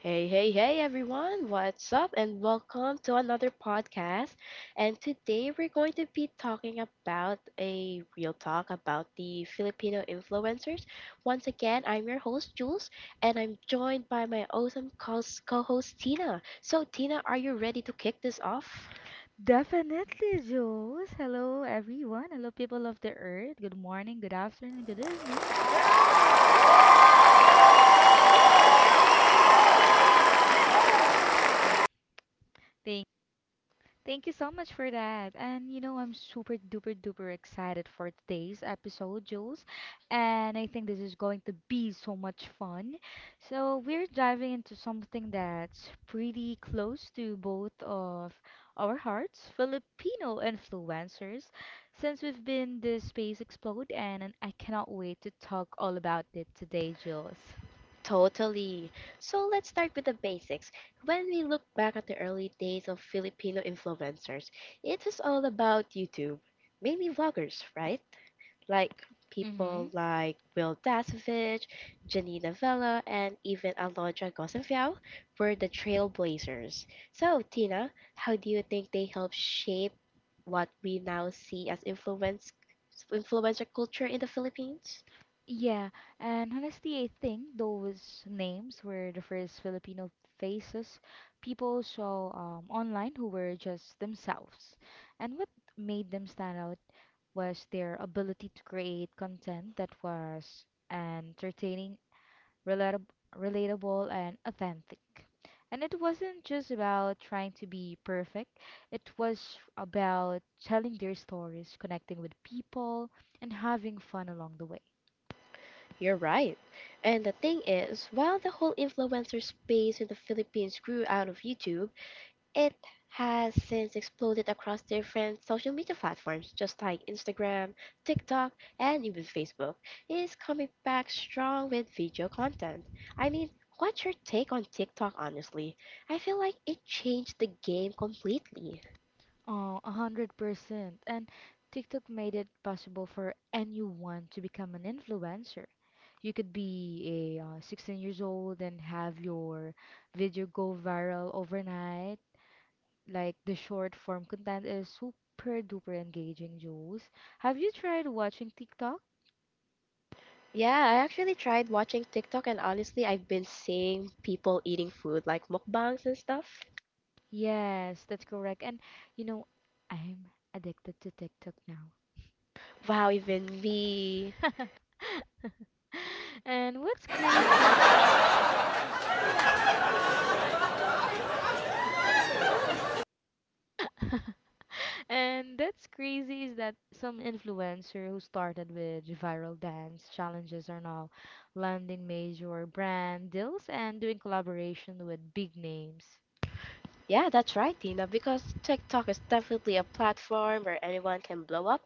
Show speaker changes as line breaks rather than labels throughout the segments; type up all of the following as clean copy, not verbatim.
Hey, hey, hey everyone, what's up? And welcome to another podcast. And today we're going to be talking about a real talk about the Filipino influencers. Once again, I'm your host, Jules, and I'm joined by my awesome co host, Tina. So, Tina, are you ready to kick this off?
Definitely, Jules. Hello, everyone. Hello, people of the earth. Good morning, good afternoon, good evening. Thank you so much for that. And you know, I'm super duper duper excited for today's episode, Jules. And I think this is going to be so much fun. So, we're diving into something that's pretty close to both of our hearts, Filipino influencers, since we've been this space explode and I cannot wait to talk all about it today, Jules.
Totally. So let's start with the basics. When we look back at the early days of Filipino influencers, it was all about YouTube, mainly vloggers, right? Like people
Mhm.
like Will Dasovich, Janina Vella, and even Alondra Gosenfiao were the trailblazers. So, Tina, how do you think they helped shape what we now see as influencer culture in the Philippines?
Yeah, and honestly, I think those names were the first Filipino faces people saw online who were just themselves. And what made them stand out was their ability to create content that was entertaining, relatab- relatable, and authentic. And it wasn't just about trying to be perfect, it was about telling their stories, connecting with people, and having fun along the way.
You're right. And the thing is, while the whole influencer space in the Philippines grew out of YouTube, it has since exploded across different social media platforms, just like Instagram, TikTok, and even Facebook. It is coming back strong with video content. I mean, what's your take on TikTok, honestly? I feel like it changed the game completely.
Oh, 100%. And TikTok made it possible for anyone to become an influencer. You could be a 16 years old and have your video go viral overnight. Like the short form content is super duper engaging, Jules. Have you tried watching TikTok?
Yeah, I actually tried watching TikTok, and honestly, I've been seeing people eating food like mukbangs and stuff.
Yes, that's correct. And you know, I'm addicted to TikTok now.
Wow, even me.
And what's crazy? And that's crazy is that some influencer who started with viral dance challenges are now landing major brand deals and doing collaboration with big names.
Yeah, that's right, Tina, because TikTok is definitely a platform where anyone can blow up.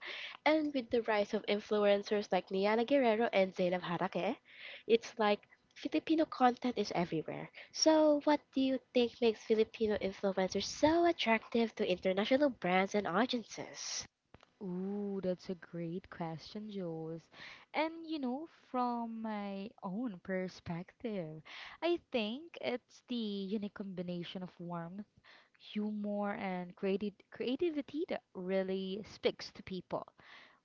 And with the rise of influencers like Niana Guerrero and Zainab Harake, it's like Filipino content is everywhere. So, what do you think makes Filipino influencers so attractive to international brands and audiences?
Ooh, that's a great question, Jules. And you know, from my own perspective, I think it's the unique combination of warmth humor and creative creativity that really speaks to people.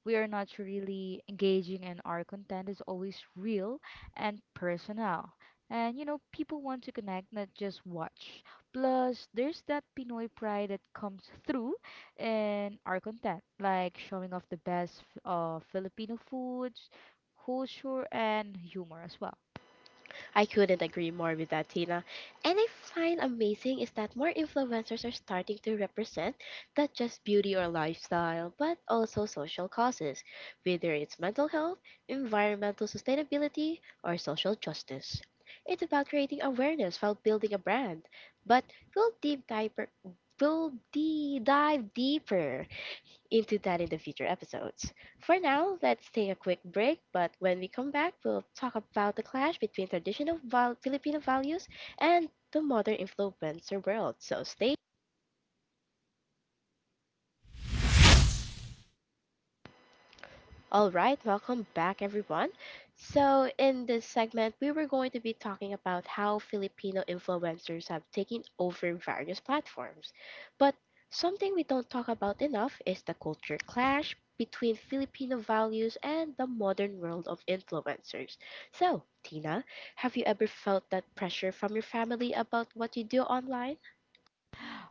We are not really engaging and our content is always real and personal. And you know, people want to connect, not just watch. Plus, there's that Pinoy pride that comes through in our content, like showing off the best of Filipino foods, culture, and humor as well.
I couldn't agree more with that, Tina. And I find amazing is that more influencers are starting to represent not just beauty or lifestyle, but also social causes, whether it's mental health, environmental sustainability, or social justice. It's about creating awareness while building a brand. But we'll deep dive we'll de- dive deeper into that in the future episodes. For now, let's take a quick break, but when we come back, we'll talk about the clash between Filipino values and the modern influencer world. So stay. All right, welcome back, everyone. So, in this segment, we were going to be talking about how Filipino influencers have taken over various platforms. But something we don't talk about enough is the culture clash between Filipino values and the modern world of influencers. So, Tina, have you ever felt that pressure from your family about what you do online?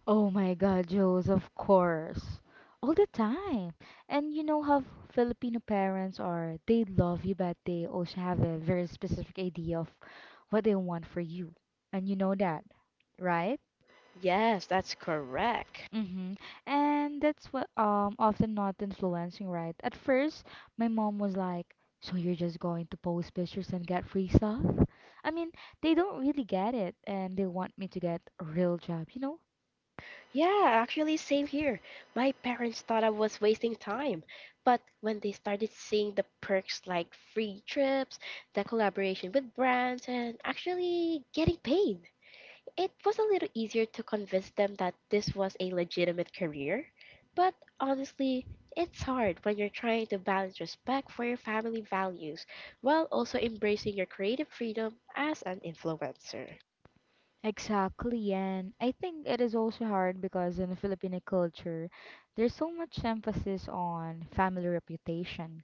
Oh my God, Jules, of course. All the time. And you know how Filipino parents are, they love you, but they also have a very specific idea of what they want for you. And you know that, right?
Yes, that's correct.
Mm-hmm. And that's what often not influencing, right? At first, my mom was like, "So you're just going to post pictures and get free stuff?" I mean, they don't really get it, and they want me to get a real job, you know.
Yeah, actually, same here. My parents thought I was wasting time, but when they started seeing the perks like free trips, the collaboration with brands, and actually getting paid, it was a little easier to convince them that this was a legitimate career. But honestly, it's hard when you're trying to balance respect for your family values while also embracing your creative freedom as an influencer.
Exactly, and I think it is also hard because in the Filipino culture, there's so much emphasis on family reputation.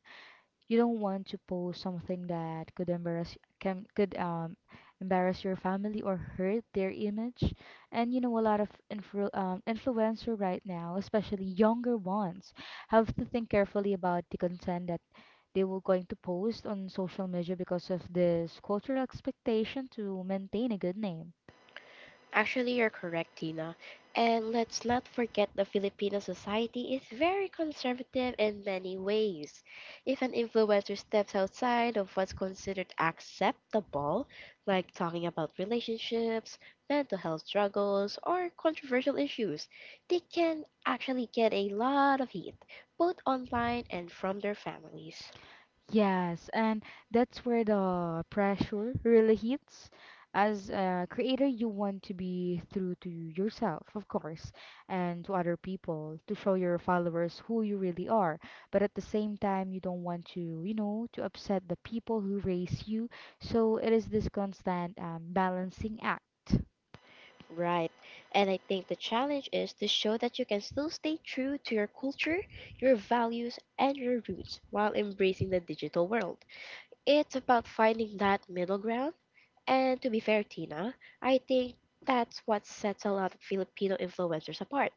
You don't want to post something that could embarrass can could embarrass your family or hurt their image. And you know, a lot of influencer right now, especially younger ones, have to think carefully about the content that they were going to post on social media because of this cultural expectation to maintain a good name.
Actually, you're correct, Tina. And let's not forget the Filipino society is very conservative in many ways. If an influencer steps outside of what's considered acceptable, like talking about relationships, mental health struggles, or controversial issues, they can actually get a lot of heat, both online and from their families.
Yes, and that's where the pressure really hits. As a creator, you want to be true to yourself, of course, and to other people, to show your followers who you really are. But at the same time, you don't want to, you know, to upset the people who raise you. So it is this constant balancing act.
Right. And I think the challenge is to show that you can still stay true to your culture, your values, and your roots while embracing the digital world. It's about finding that middle ground. And to be fair, Tina, I think that's what sets a lot of Filipino influencers apart.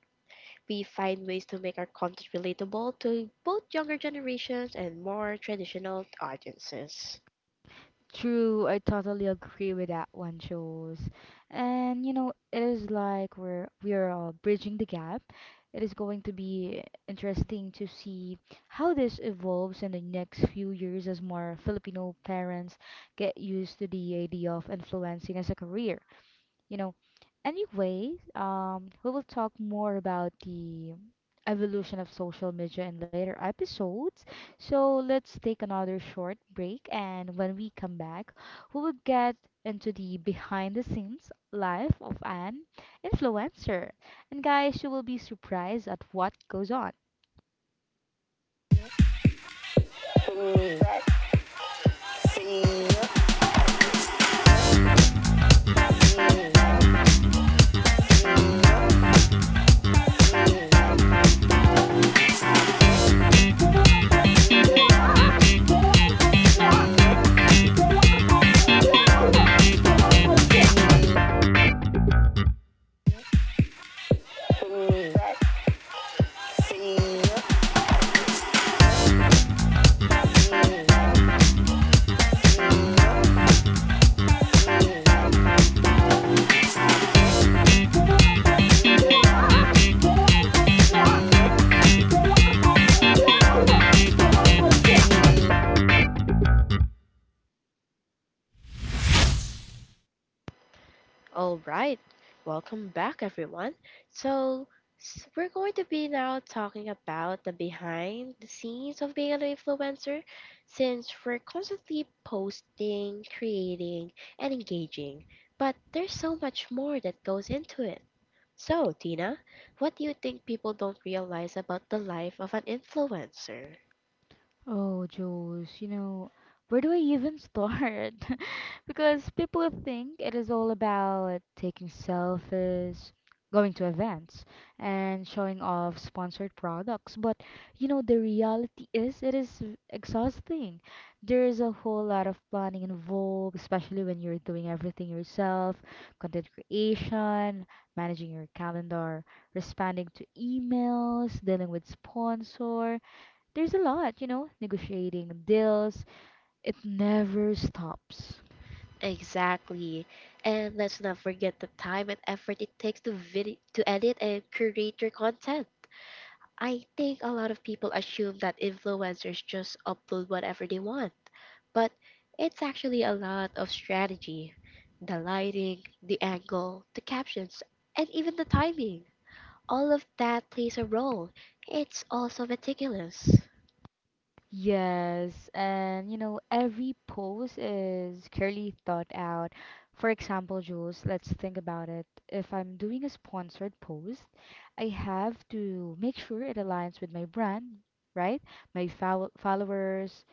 We find ways to make our content relatable to both younger generations and more traditional audiences.
True, I totally agree with that one, shows. And you know, it is like we are all bridging the gap. It is going to be interesting to see how this evolves in the next few years as more Filipino parents get used to the idea of influencing as a career, you know. Anyway, we will talk more about the evolution of social media in later episodes. So let's take another short break, and when we come back, we will get into the behind the scenes life of an influencer, and guys, you will be surprised at what goes on.
All right, welcome back, everyone. So, we're going to be now talking about the behind the scenes of being an influencer since we're constantly posting, creating, and engaging. But there's so much more that goes into it. So, Tina, what do you think people don't realize about the life of an influencer?
Oh, Jules, you know, where do I even start? Because people think it is all about taking selfies, going to events, and showing off sponsored products. But, you know, the reality is it is exhausting. There is a whole lot of planning involved, especially when you're doing everything yourself, content creation, managing your calendar, responding to emails, dealing with sponsor, there's a lot, you know, negotiating deals. It never stops.
Exactly. And let's not forget the time and effort it takes to video to edit and create your content. I think a lot of people assume that influencers just upload whatever they want, but it's actually a lot of strategy. The lighting, the angle, the captions, and even the timing. All of that plays a role. It's also meticulous.
Yes, and you know, every pose is clearly thought out. For example, Jules, let's think about it. If I'm doing a sponsored post, I have to make sure it aligns with my brand, right? Followers,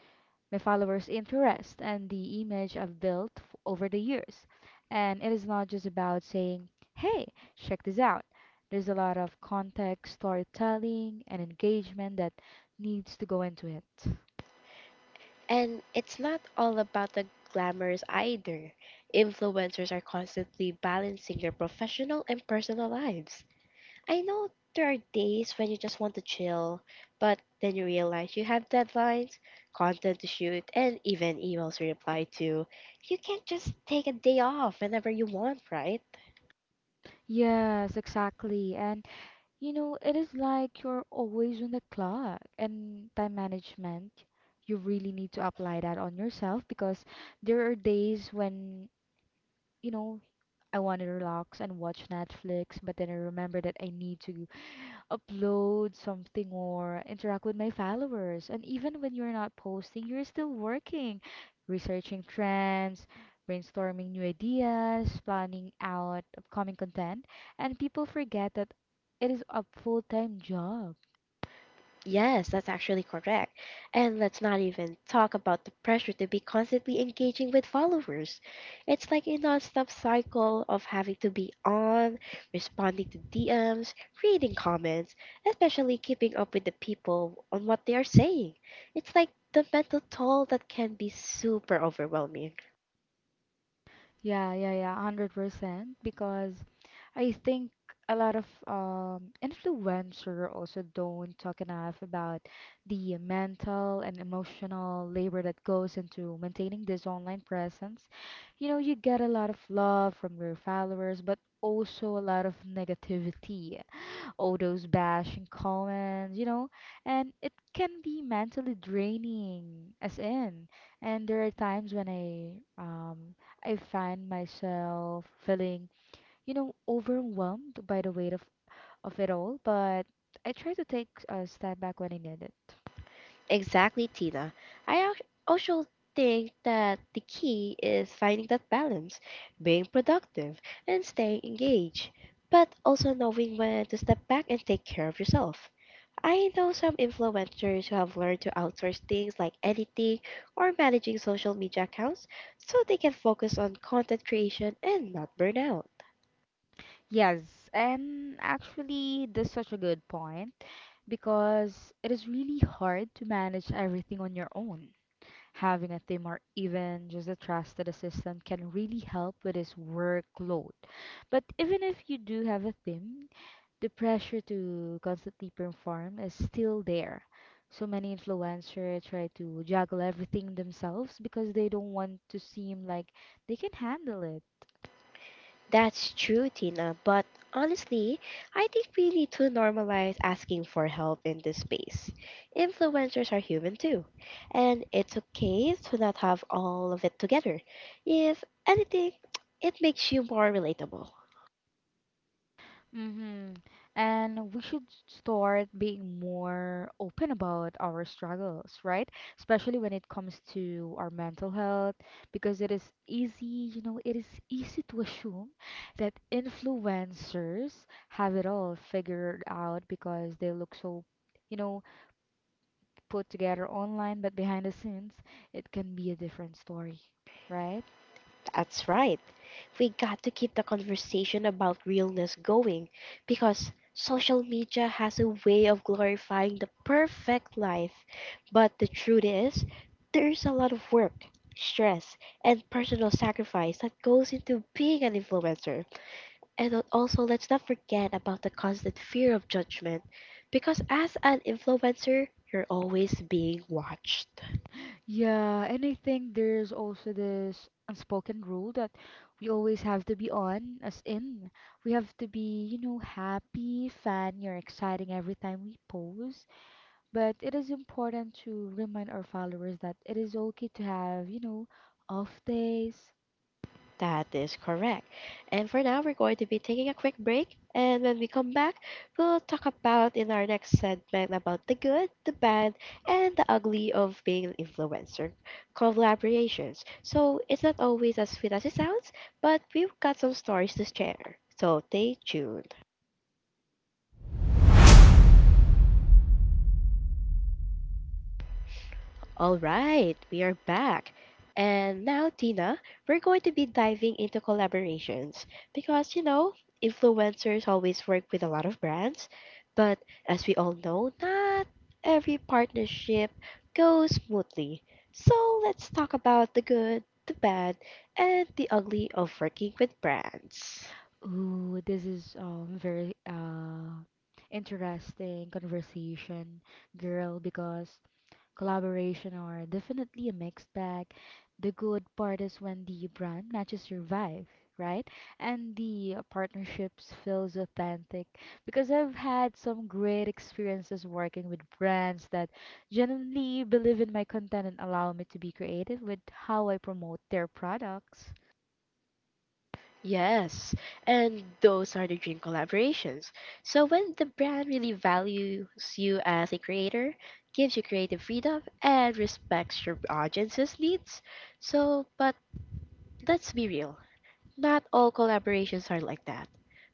my followers' interest and the image I've built over the years. And it is not just about saying, hey, check this out. There's a lot of context, storytelling, and engagement that needs to go into it.
And it's not all about the glamours either. Influencers are constantly balancing their professional and personal lives. I know there are days when you just want to chill, but then you realize you have deadlines, content to shoot, and even emails to reply to. You can't just take a day off whenever you want, right?
Yes, exactly. And you know, it is like you're always on the clock and time management. You really need to apply that on yourself because there are days when, you know, I want to relax and watch Netflix, but then I remember that I need to upload something or interact with my followers. And even when you're not posting, you're still working, researching trends, brainstorming new ideas, planning out upcoming content, and people forget that it is a full-time job.
Yes, that's actually correct. And let's not even talk about the pressure to be constantly engaging with followers. It's like a nonstop cycle of having to be on, responding to DMs, reading comments, especially keeping up with the people on what they are saying. It's like the mental toll that can be super overwhelming.
Yeah, yeah, yeah, 100% because I think a lot of influencer also don't talk enough about the mental and emotional labor that goes into maintaining this online presence. You know, you get a lot of love from your followers, but also a lot of negativity, all those bashing comments, you know, and it can be mentally draining, as in. And there are times when I find myself feeling, you know, overwhelmed by the weight of it all, but I try to take a step back when I need it.
Exactly, Tina. I al- also think that the key is finding that balance, being productive and staying engaged, but also knowing when to step back and take care of yourself. I know some influencers who have learned to outsource things like editing or managing social media accounts so they can focus on content creation and not burn out.
Yes, and actually, that's such a good point because it is really hard to manage everything on your own. Having a team or even just a trusted assistant can really help with his workload. But even if you do have a team, the pressure to constantly perform is still there. So many influencers try to juggle everything themselves because they don't want to seem like they can handle it.
That's true, Tina, but honestly, I think we need to normalize asking for help in this space. Influencers are human too, and it's okay to not have all of it together. If anything, it makes you more relatable.
Mm-hmm. And we should start being more open about our struggles, right? Especially when it comes to our mental health, because it is easy, you know, it is easy to assume that influencers have it all figured out because they look so, you know, put together online, but behind the scenes, it can be a different story, right?
That's right. We got to keep the conversation about realness going because social media has a way of glorifying the perfect life. But the truth is, there's a lot of work, stress, and personal sacrifice that goes into being an influencer. And also, let's not forget about the constant fear of judgment because as an influencer, you're always being watched.
Yeah, and I think there's also this unspoken rule that we always have to be on, as in, we have to be, you know, happy, funny, or exciting every time we post. But it is important to remind our followers that it is okay to have, you know, off days.
That is correct. And for now, we're going to be taking a quick break. And when we come back, we'll talk about in our next segment about the good, the bad, and the ugly of being an influencer collaborations. So it's not always as sweet as it sounds, but we've got some stories to share. So stay tuned. All right, we are back. And now, Tina, we're going to be diving into collaborations because, you know, influencers always work with a lot of brands, but as we all know, not every partnership goes smoothly. So let's talk about the good, the bad, and the ugly of working with brands.
Ooh, this is very interesting conversation, girl, because collaboration are definitely a mixed bag. The good part is when the brand matches your vibe, right? And the partnerships feels authentic because I've had some great experiences working with brands that genuinely believe in my content and allow me to be creative with how I promote their products.
Yes, and those are the dream collaborations. So when the brand really values you as a creator, gives you creative freedom, and respects your audience's needs. So, but let's be real. Not all collaborations are like that.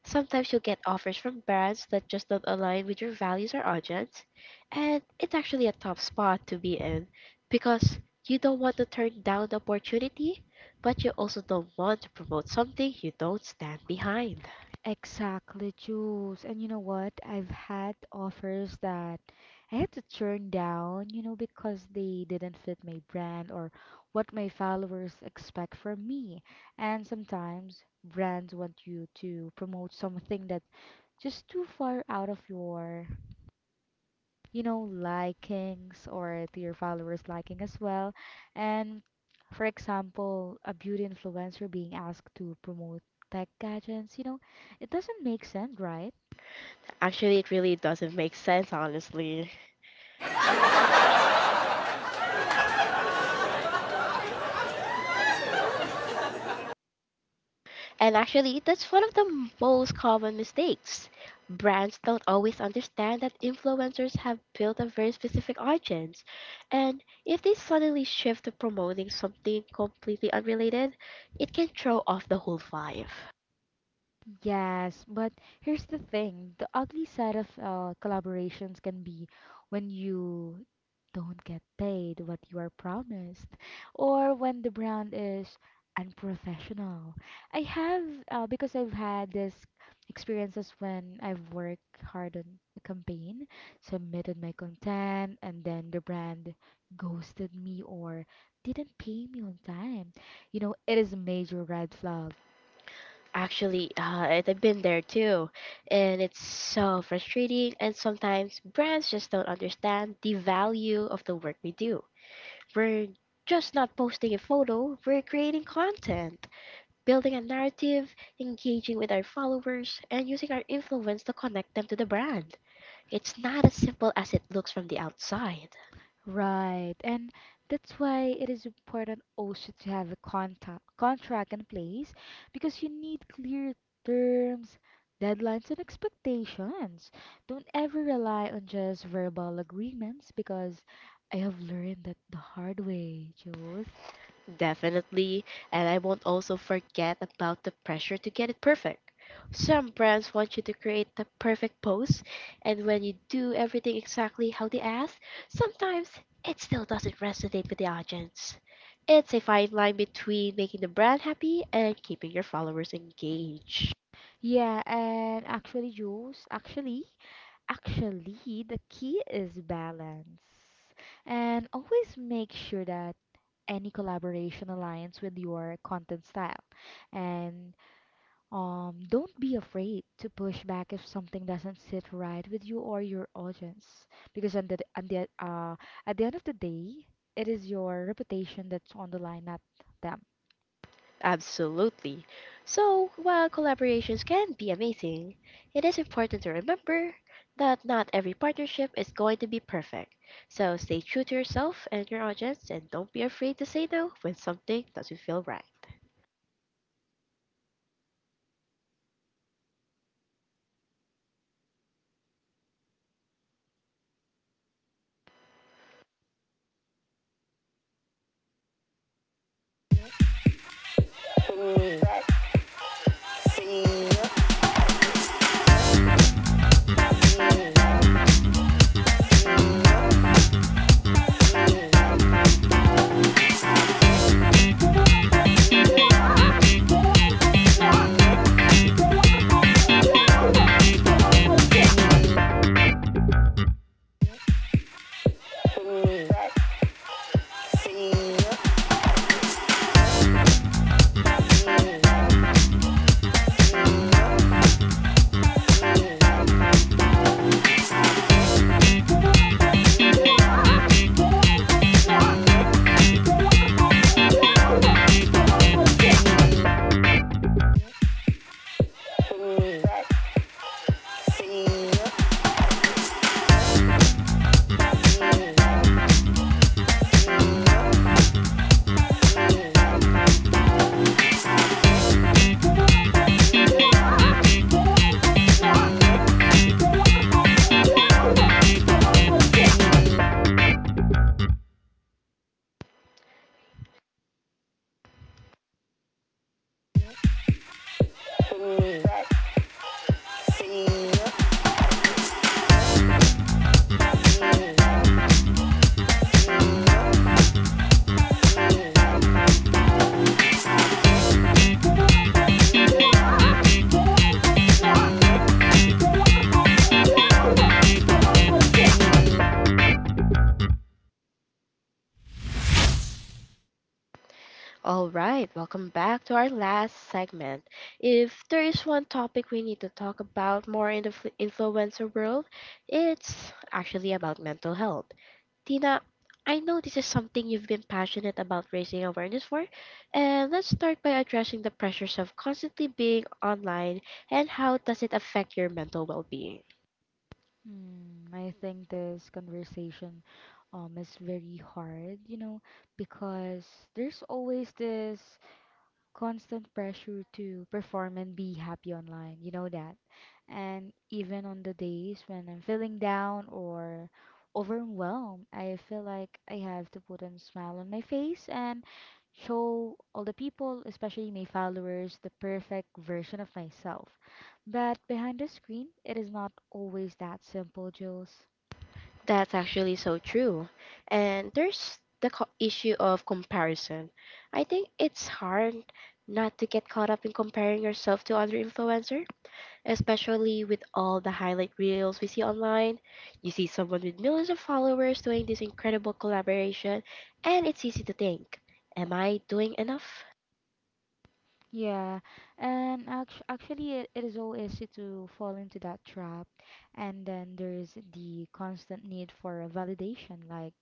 Sometimes you'll get offers from brands that just don't align with your values or audience, and it's actually a tough spot to be in because you don't want to turn down the opportunity, but you also don't want to promote something you don't stand behind.
Exactly, Jules. And you know what? I've had offers that I had to turn down, you know, because they didn't fit my brand or what my followers expect from me. And sometimes brands want you to promote something that just too far out of your, you know, likings or to your followers' liking as well. And for example, a beauty influencer being asked to promote tech gadgets, you know, it doesn't make sense, right?
Actually, it really doesn't make sense, honestly. And actually, that's one of the most common mistakes. Brands don't always understand that influencers have built a very specific audience. And if they suddenly shift to promoting something completely unrelated, it can throw off the whole vibe.
Yes, but here's the thing. The ugly side of collaborations can be when you don't get paid what you are promised, or when the brand is unprofessional. I have, because I've had this experiences when I've worked hard on a campaign, submitted my content, and then the brand ghosted me or didn't pay me on time. You know, it is a major red flag.
Actually, I've been there too. And it's so frustrating. And sometimes brands just don't understand the value of the work we do. We're just not posting a photo, we're creating content, building a narrative, engaging with our followers, and using our influence to connect them to the brand. It's not as simple as it looks from the outside.
Right, and that's why it is important also to have a contract in place because you need clear terms, deadlines, and expectations. Don't ever rely on just verbal agreements because I have learned that the hard way, Jules.
Definitely, and I won't also forget about the pressure to get it perfect. Some brands want you to create the perfect pose, and when you do everything exactly how they ask, sometimes it still doesn't resonate with the audience. It's a fine line between making the brand happy and keeping your followers engaged.
Yeah, and actually, Jules, the key is balance. And always make sure that any collaboration aligns with your content style. And don't be afraid to push back if something doesn't sit right with you or your audience. Because at the end of the day, it is your reputation that's on the line, not them.
Absolutely. So, while collaborations can be amazing, it is important to remember that not every partnership is going to be perfect. So, stay true to yourself and your audience and don't be afraid to say no when something doesn't feel right. All right, welcome back to our last segment. If there is one topic we need to talk about more in the influencer world, it's actually about mental health. Tina, I know this is something you've been passionate about raising awareness for, and let's start by addressing the pressures of constantly being online and how does it affect your mental well-being.
Hmm, I think this conversation is very hard, you know, because there's always this constant pressure to perform and be happy online. You know that. And even on the days when I'm feeling down or overwhelmed, I feel like I have to put a smile on my face and show all the people, especially my followers, the perfect version of myself. But behind the screen, it is not always that simple, Jules.
That's actually so true. And there's the issue of comparison. I think it's hard not to get caught up in comparing yourself to other influencers, especially with all the highlight reels we see online. You see someone with millions of followers doing this incredible collaboration, and it's easy to think, am I doing enough?
Yeah, and actually, it is all easy to fall into that trap. And then there's the constant need for a validation, like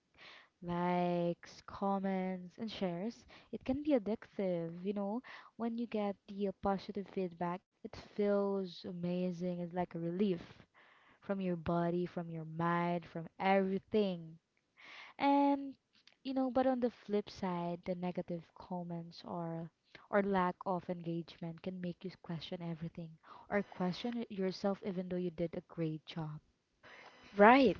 likes, comments, and shares. It can be addictive, you know. When you get the positive feedback, it feels amazing. It's like a relief from your body, from your mind, from everything. And you know, but on the flip side, the negative comments or lack of engagement can make you question everything or question it yourself even though you did a great job.
Right.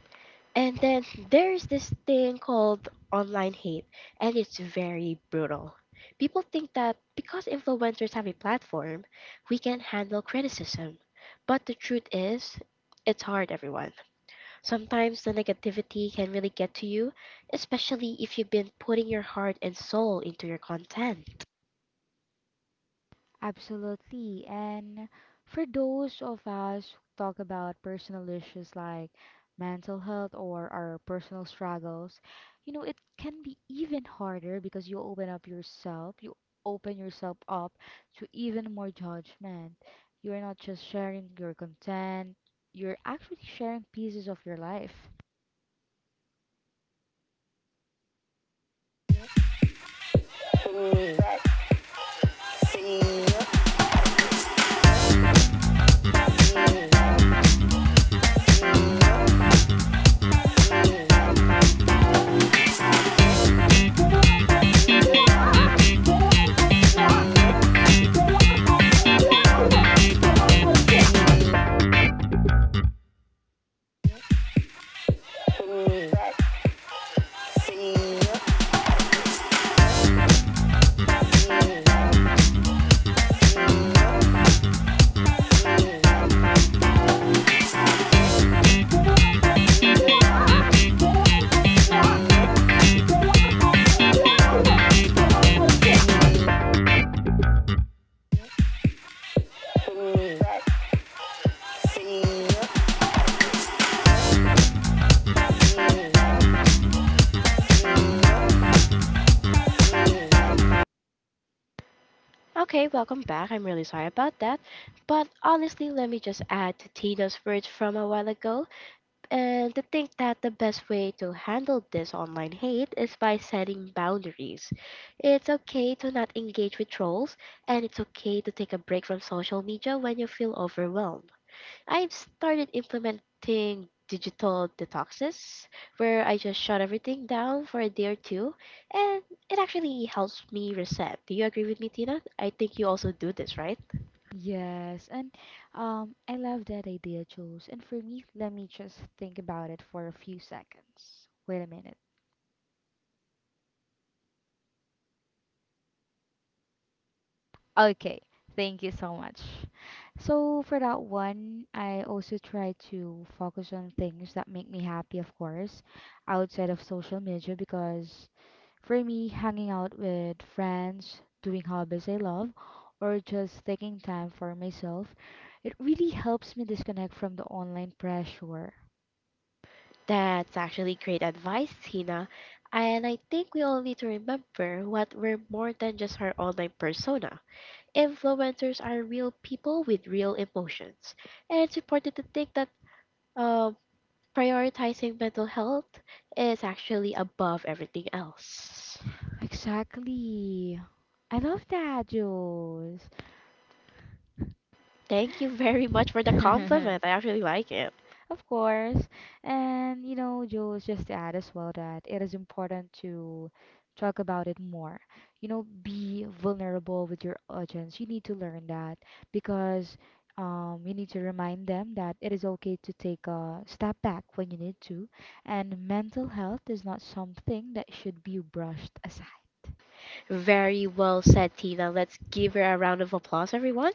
And then there's this thing called online hate, and it's very brutal. People think that because influencers have a platform, we can handle criticism. But the truth is, it's hard, everyone. Sometimes the negativity can really get to you, especially if you've been putting your heart and soul into your content.
Absolutely. And for those of us who talk about personal issues like mental health or our personal struggles, you know, it can be even harder because you open yourself up to even more judgment. You're not just sharing your content, you're actually sharing pieces of your life.
Okay, welcome back. I'm really sorry about that. But honestly, let me just add to Tina's words from a while ago. And to think that the best way to handle this online hate is by setting boundaries. It's okay to not engage with trolls, and it's okay to take a break from social media when you feel overwhelmed. I've started implementing digital detoxes where I just shut everything down for a day or two, and it actually helps me reset. Do you agree with me, Tina? I think you also do this, right?
Yes, and I love that idea, Jules. And for me, let me just think about it for a few seconds. Wait a minute. Okay, thank you so much. So for that one, I also try to focus on things that make me happy, of course, outside of social media because for me, hanging out with friends, doing hobbies I love, or just taking time for myself, it really helps me disconnect from the online pressure.
That's actually great advice, Tina. And I think we all need to remember what we're more than just our online persona. Influencers are real people with real emotions. And it's important to think that uh, prioritizing mental health is actually above everything else.
Exactly. I love that, Jules.
Thank you very much for the compliment. I actually like it.
Of course. And, you know, Jules, just to add as well that it is important to talk about it more. You know, be vulnerable with your audience. You need to learn that because you need to remind them that it is okay to take a step back when you need to. And mental health is not something that should be brushed aside.
Very well said, Tina. Let's give her a round of applause, everyone.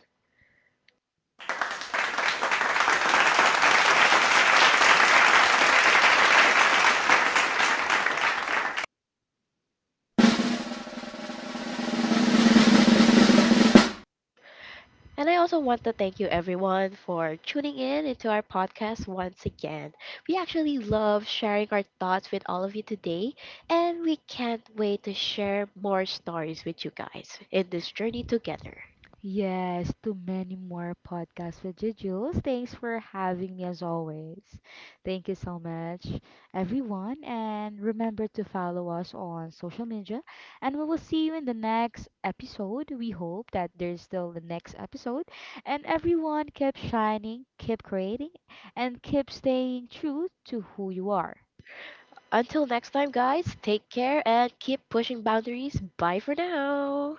And I also want to thank you everyone for tuning in into our podcast once again. We actually love sharing our thoughts with all of you today, and we can't wait to share more stories with you guys in this journey together.
Yes, to many more podcasts with you, Jules. Thanks for having me as always. Thank you so much, everyone. And remember to follow us on social media. And we will see you in the next episode. We hope that there's still the next episode. And everyone, keep shining, keep creating, and keep staying true to who you are.
Until next time, guys, take care and keep pushing boundaries. Bye for now.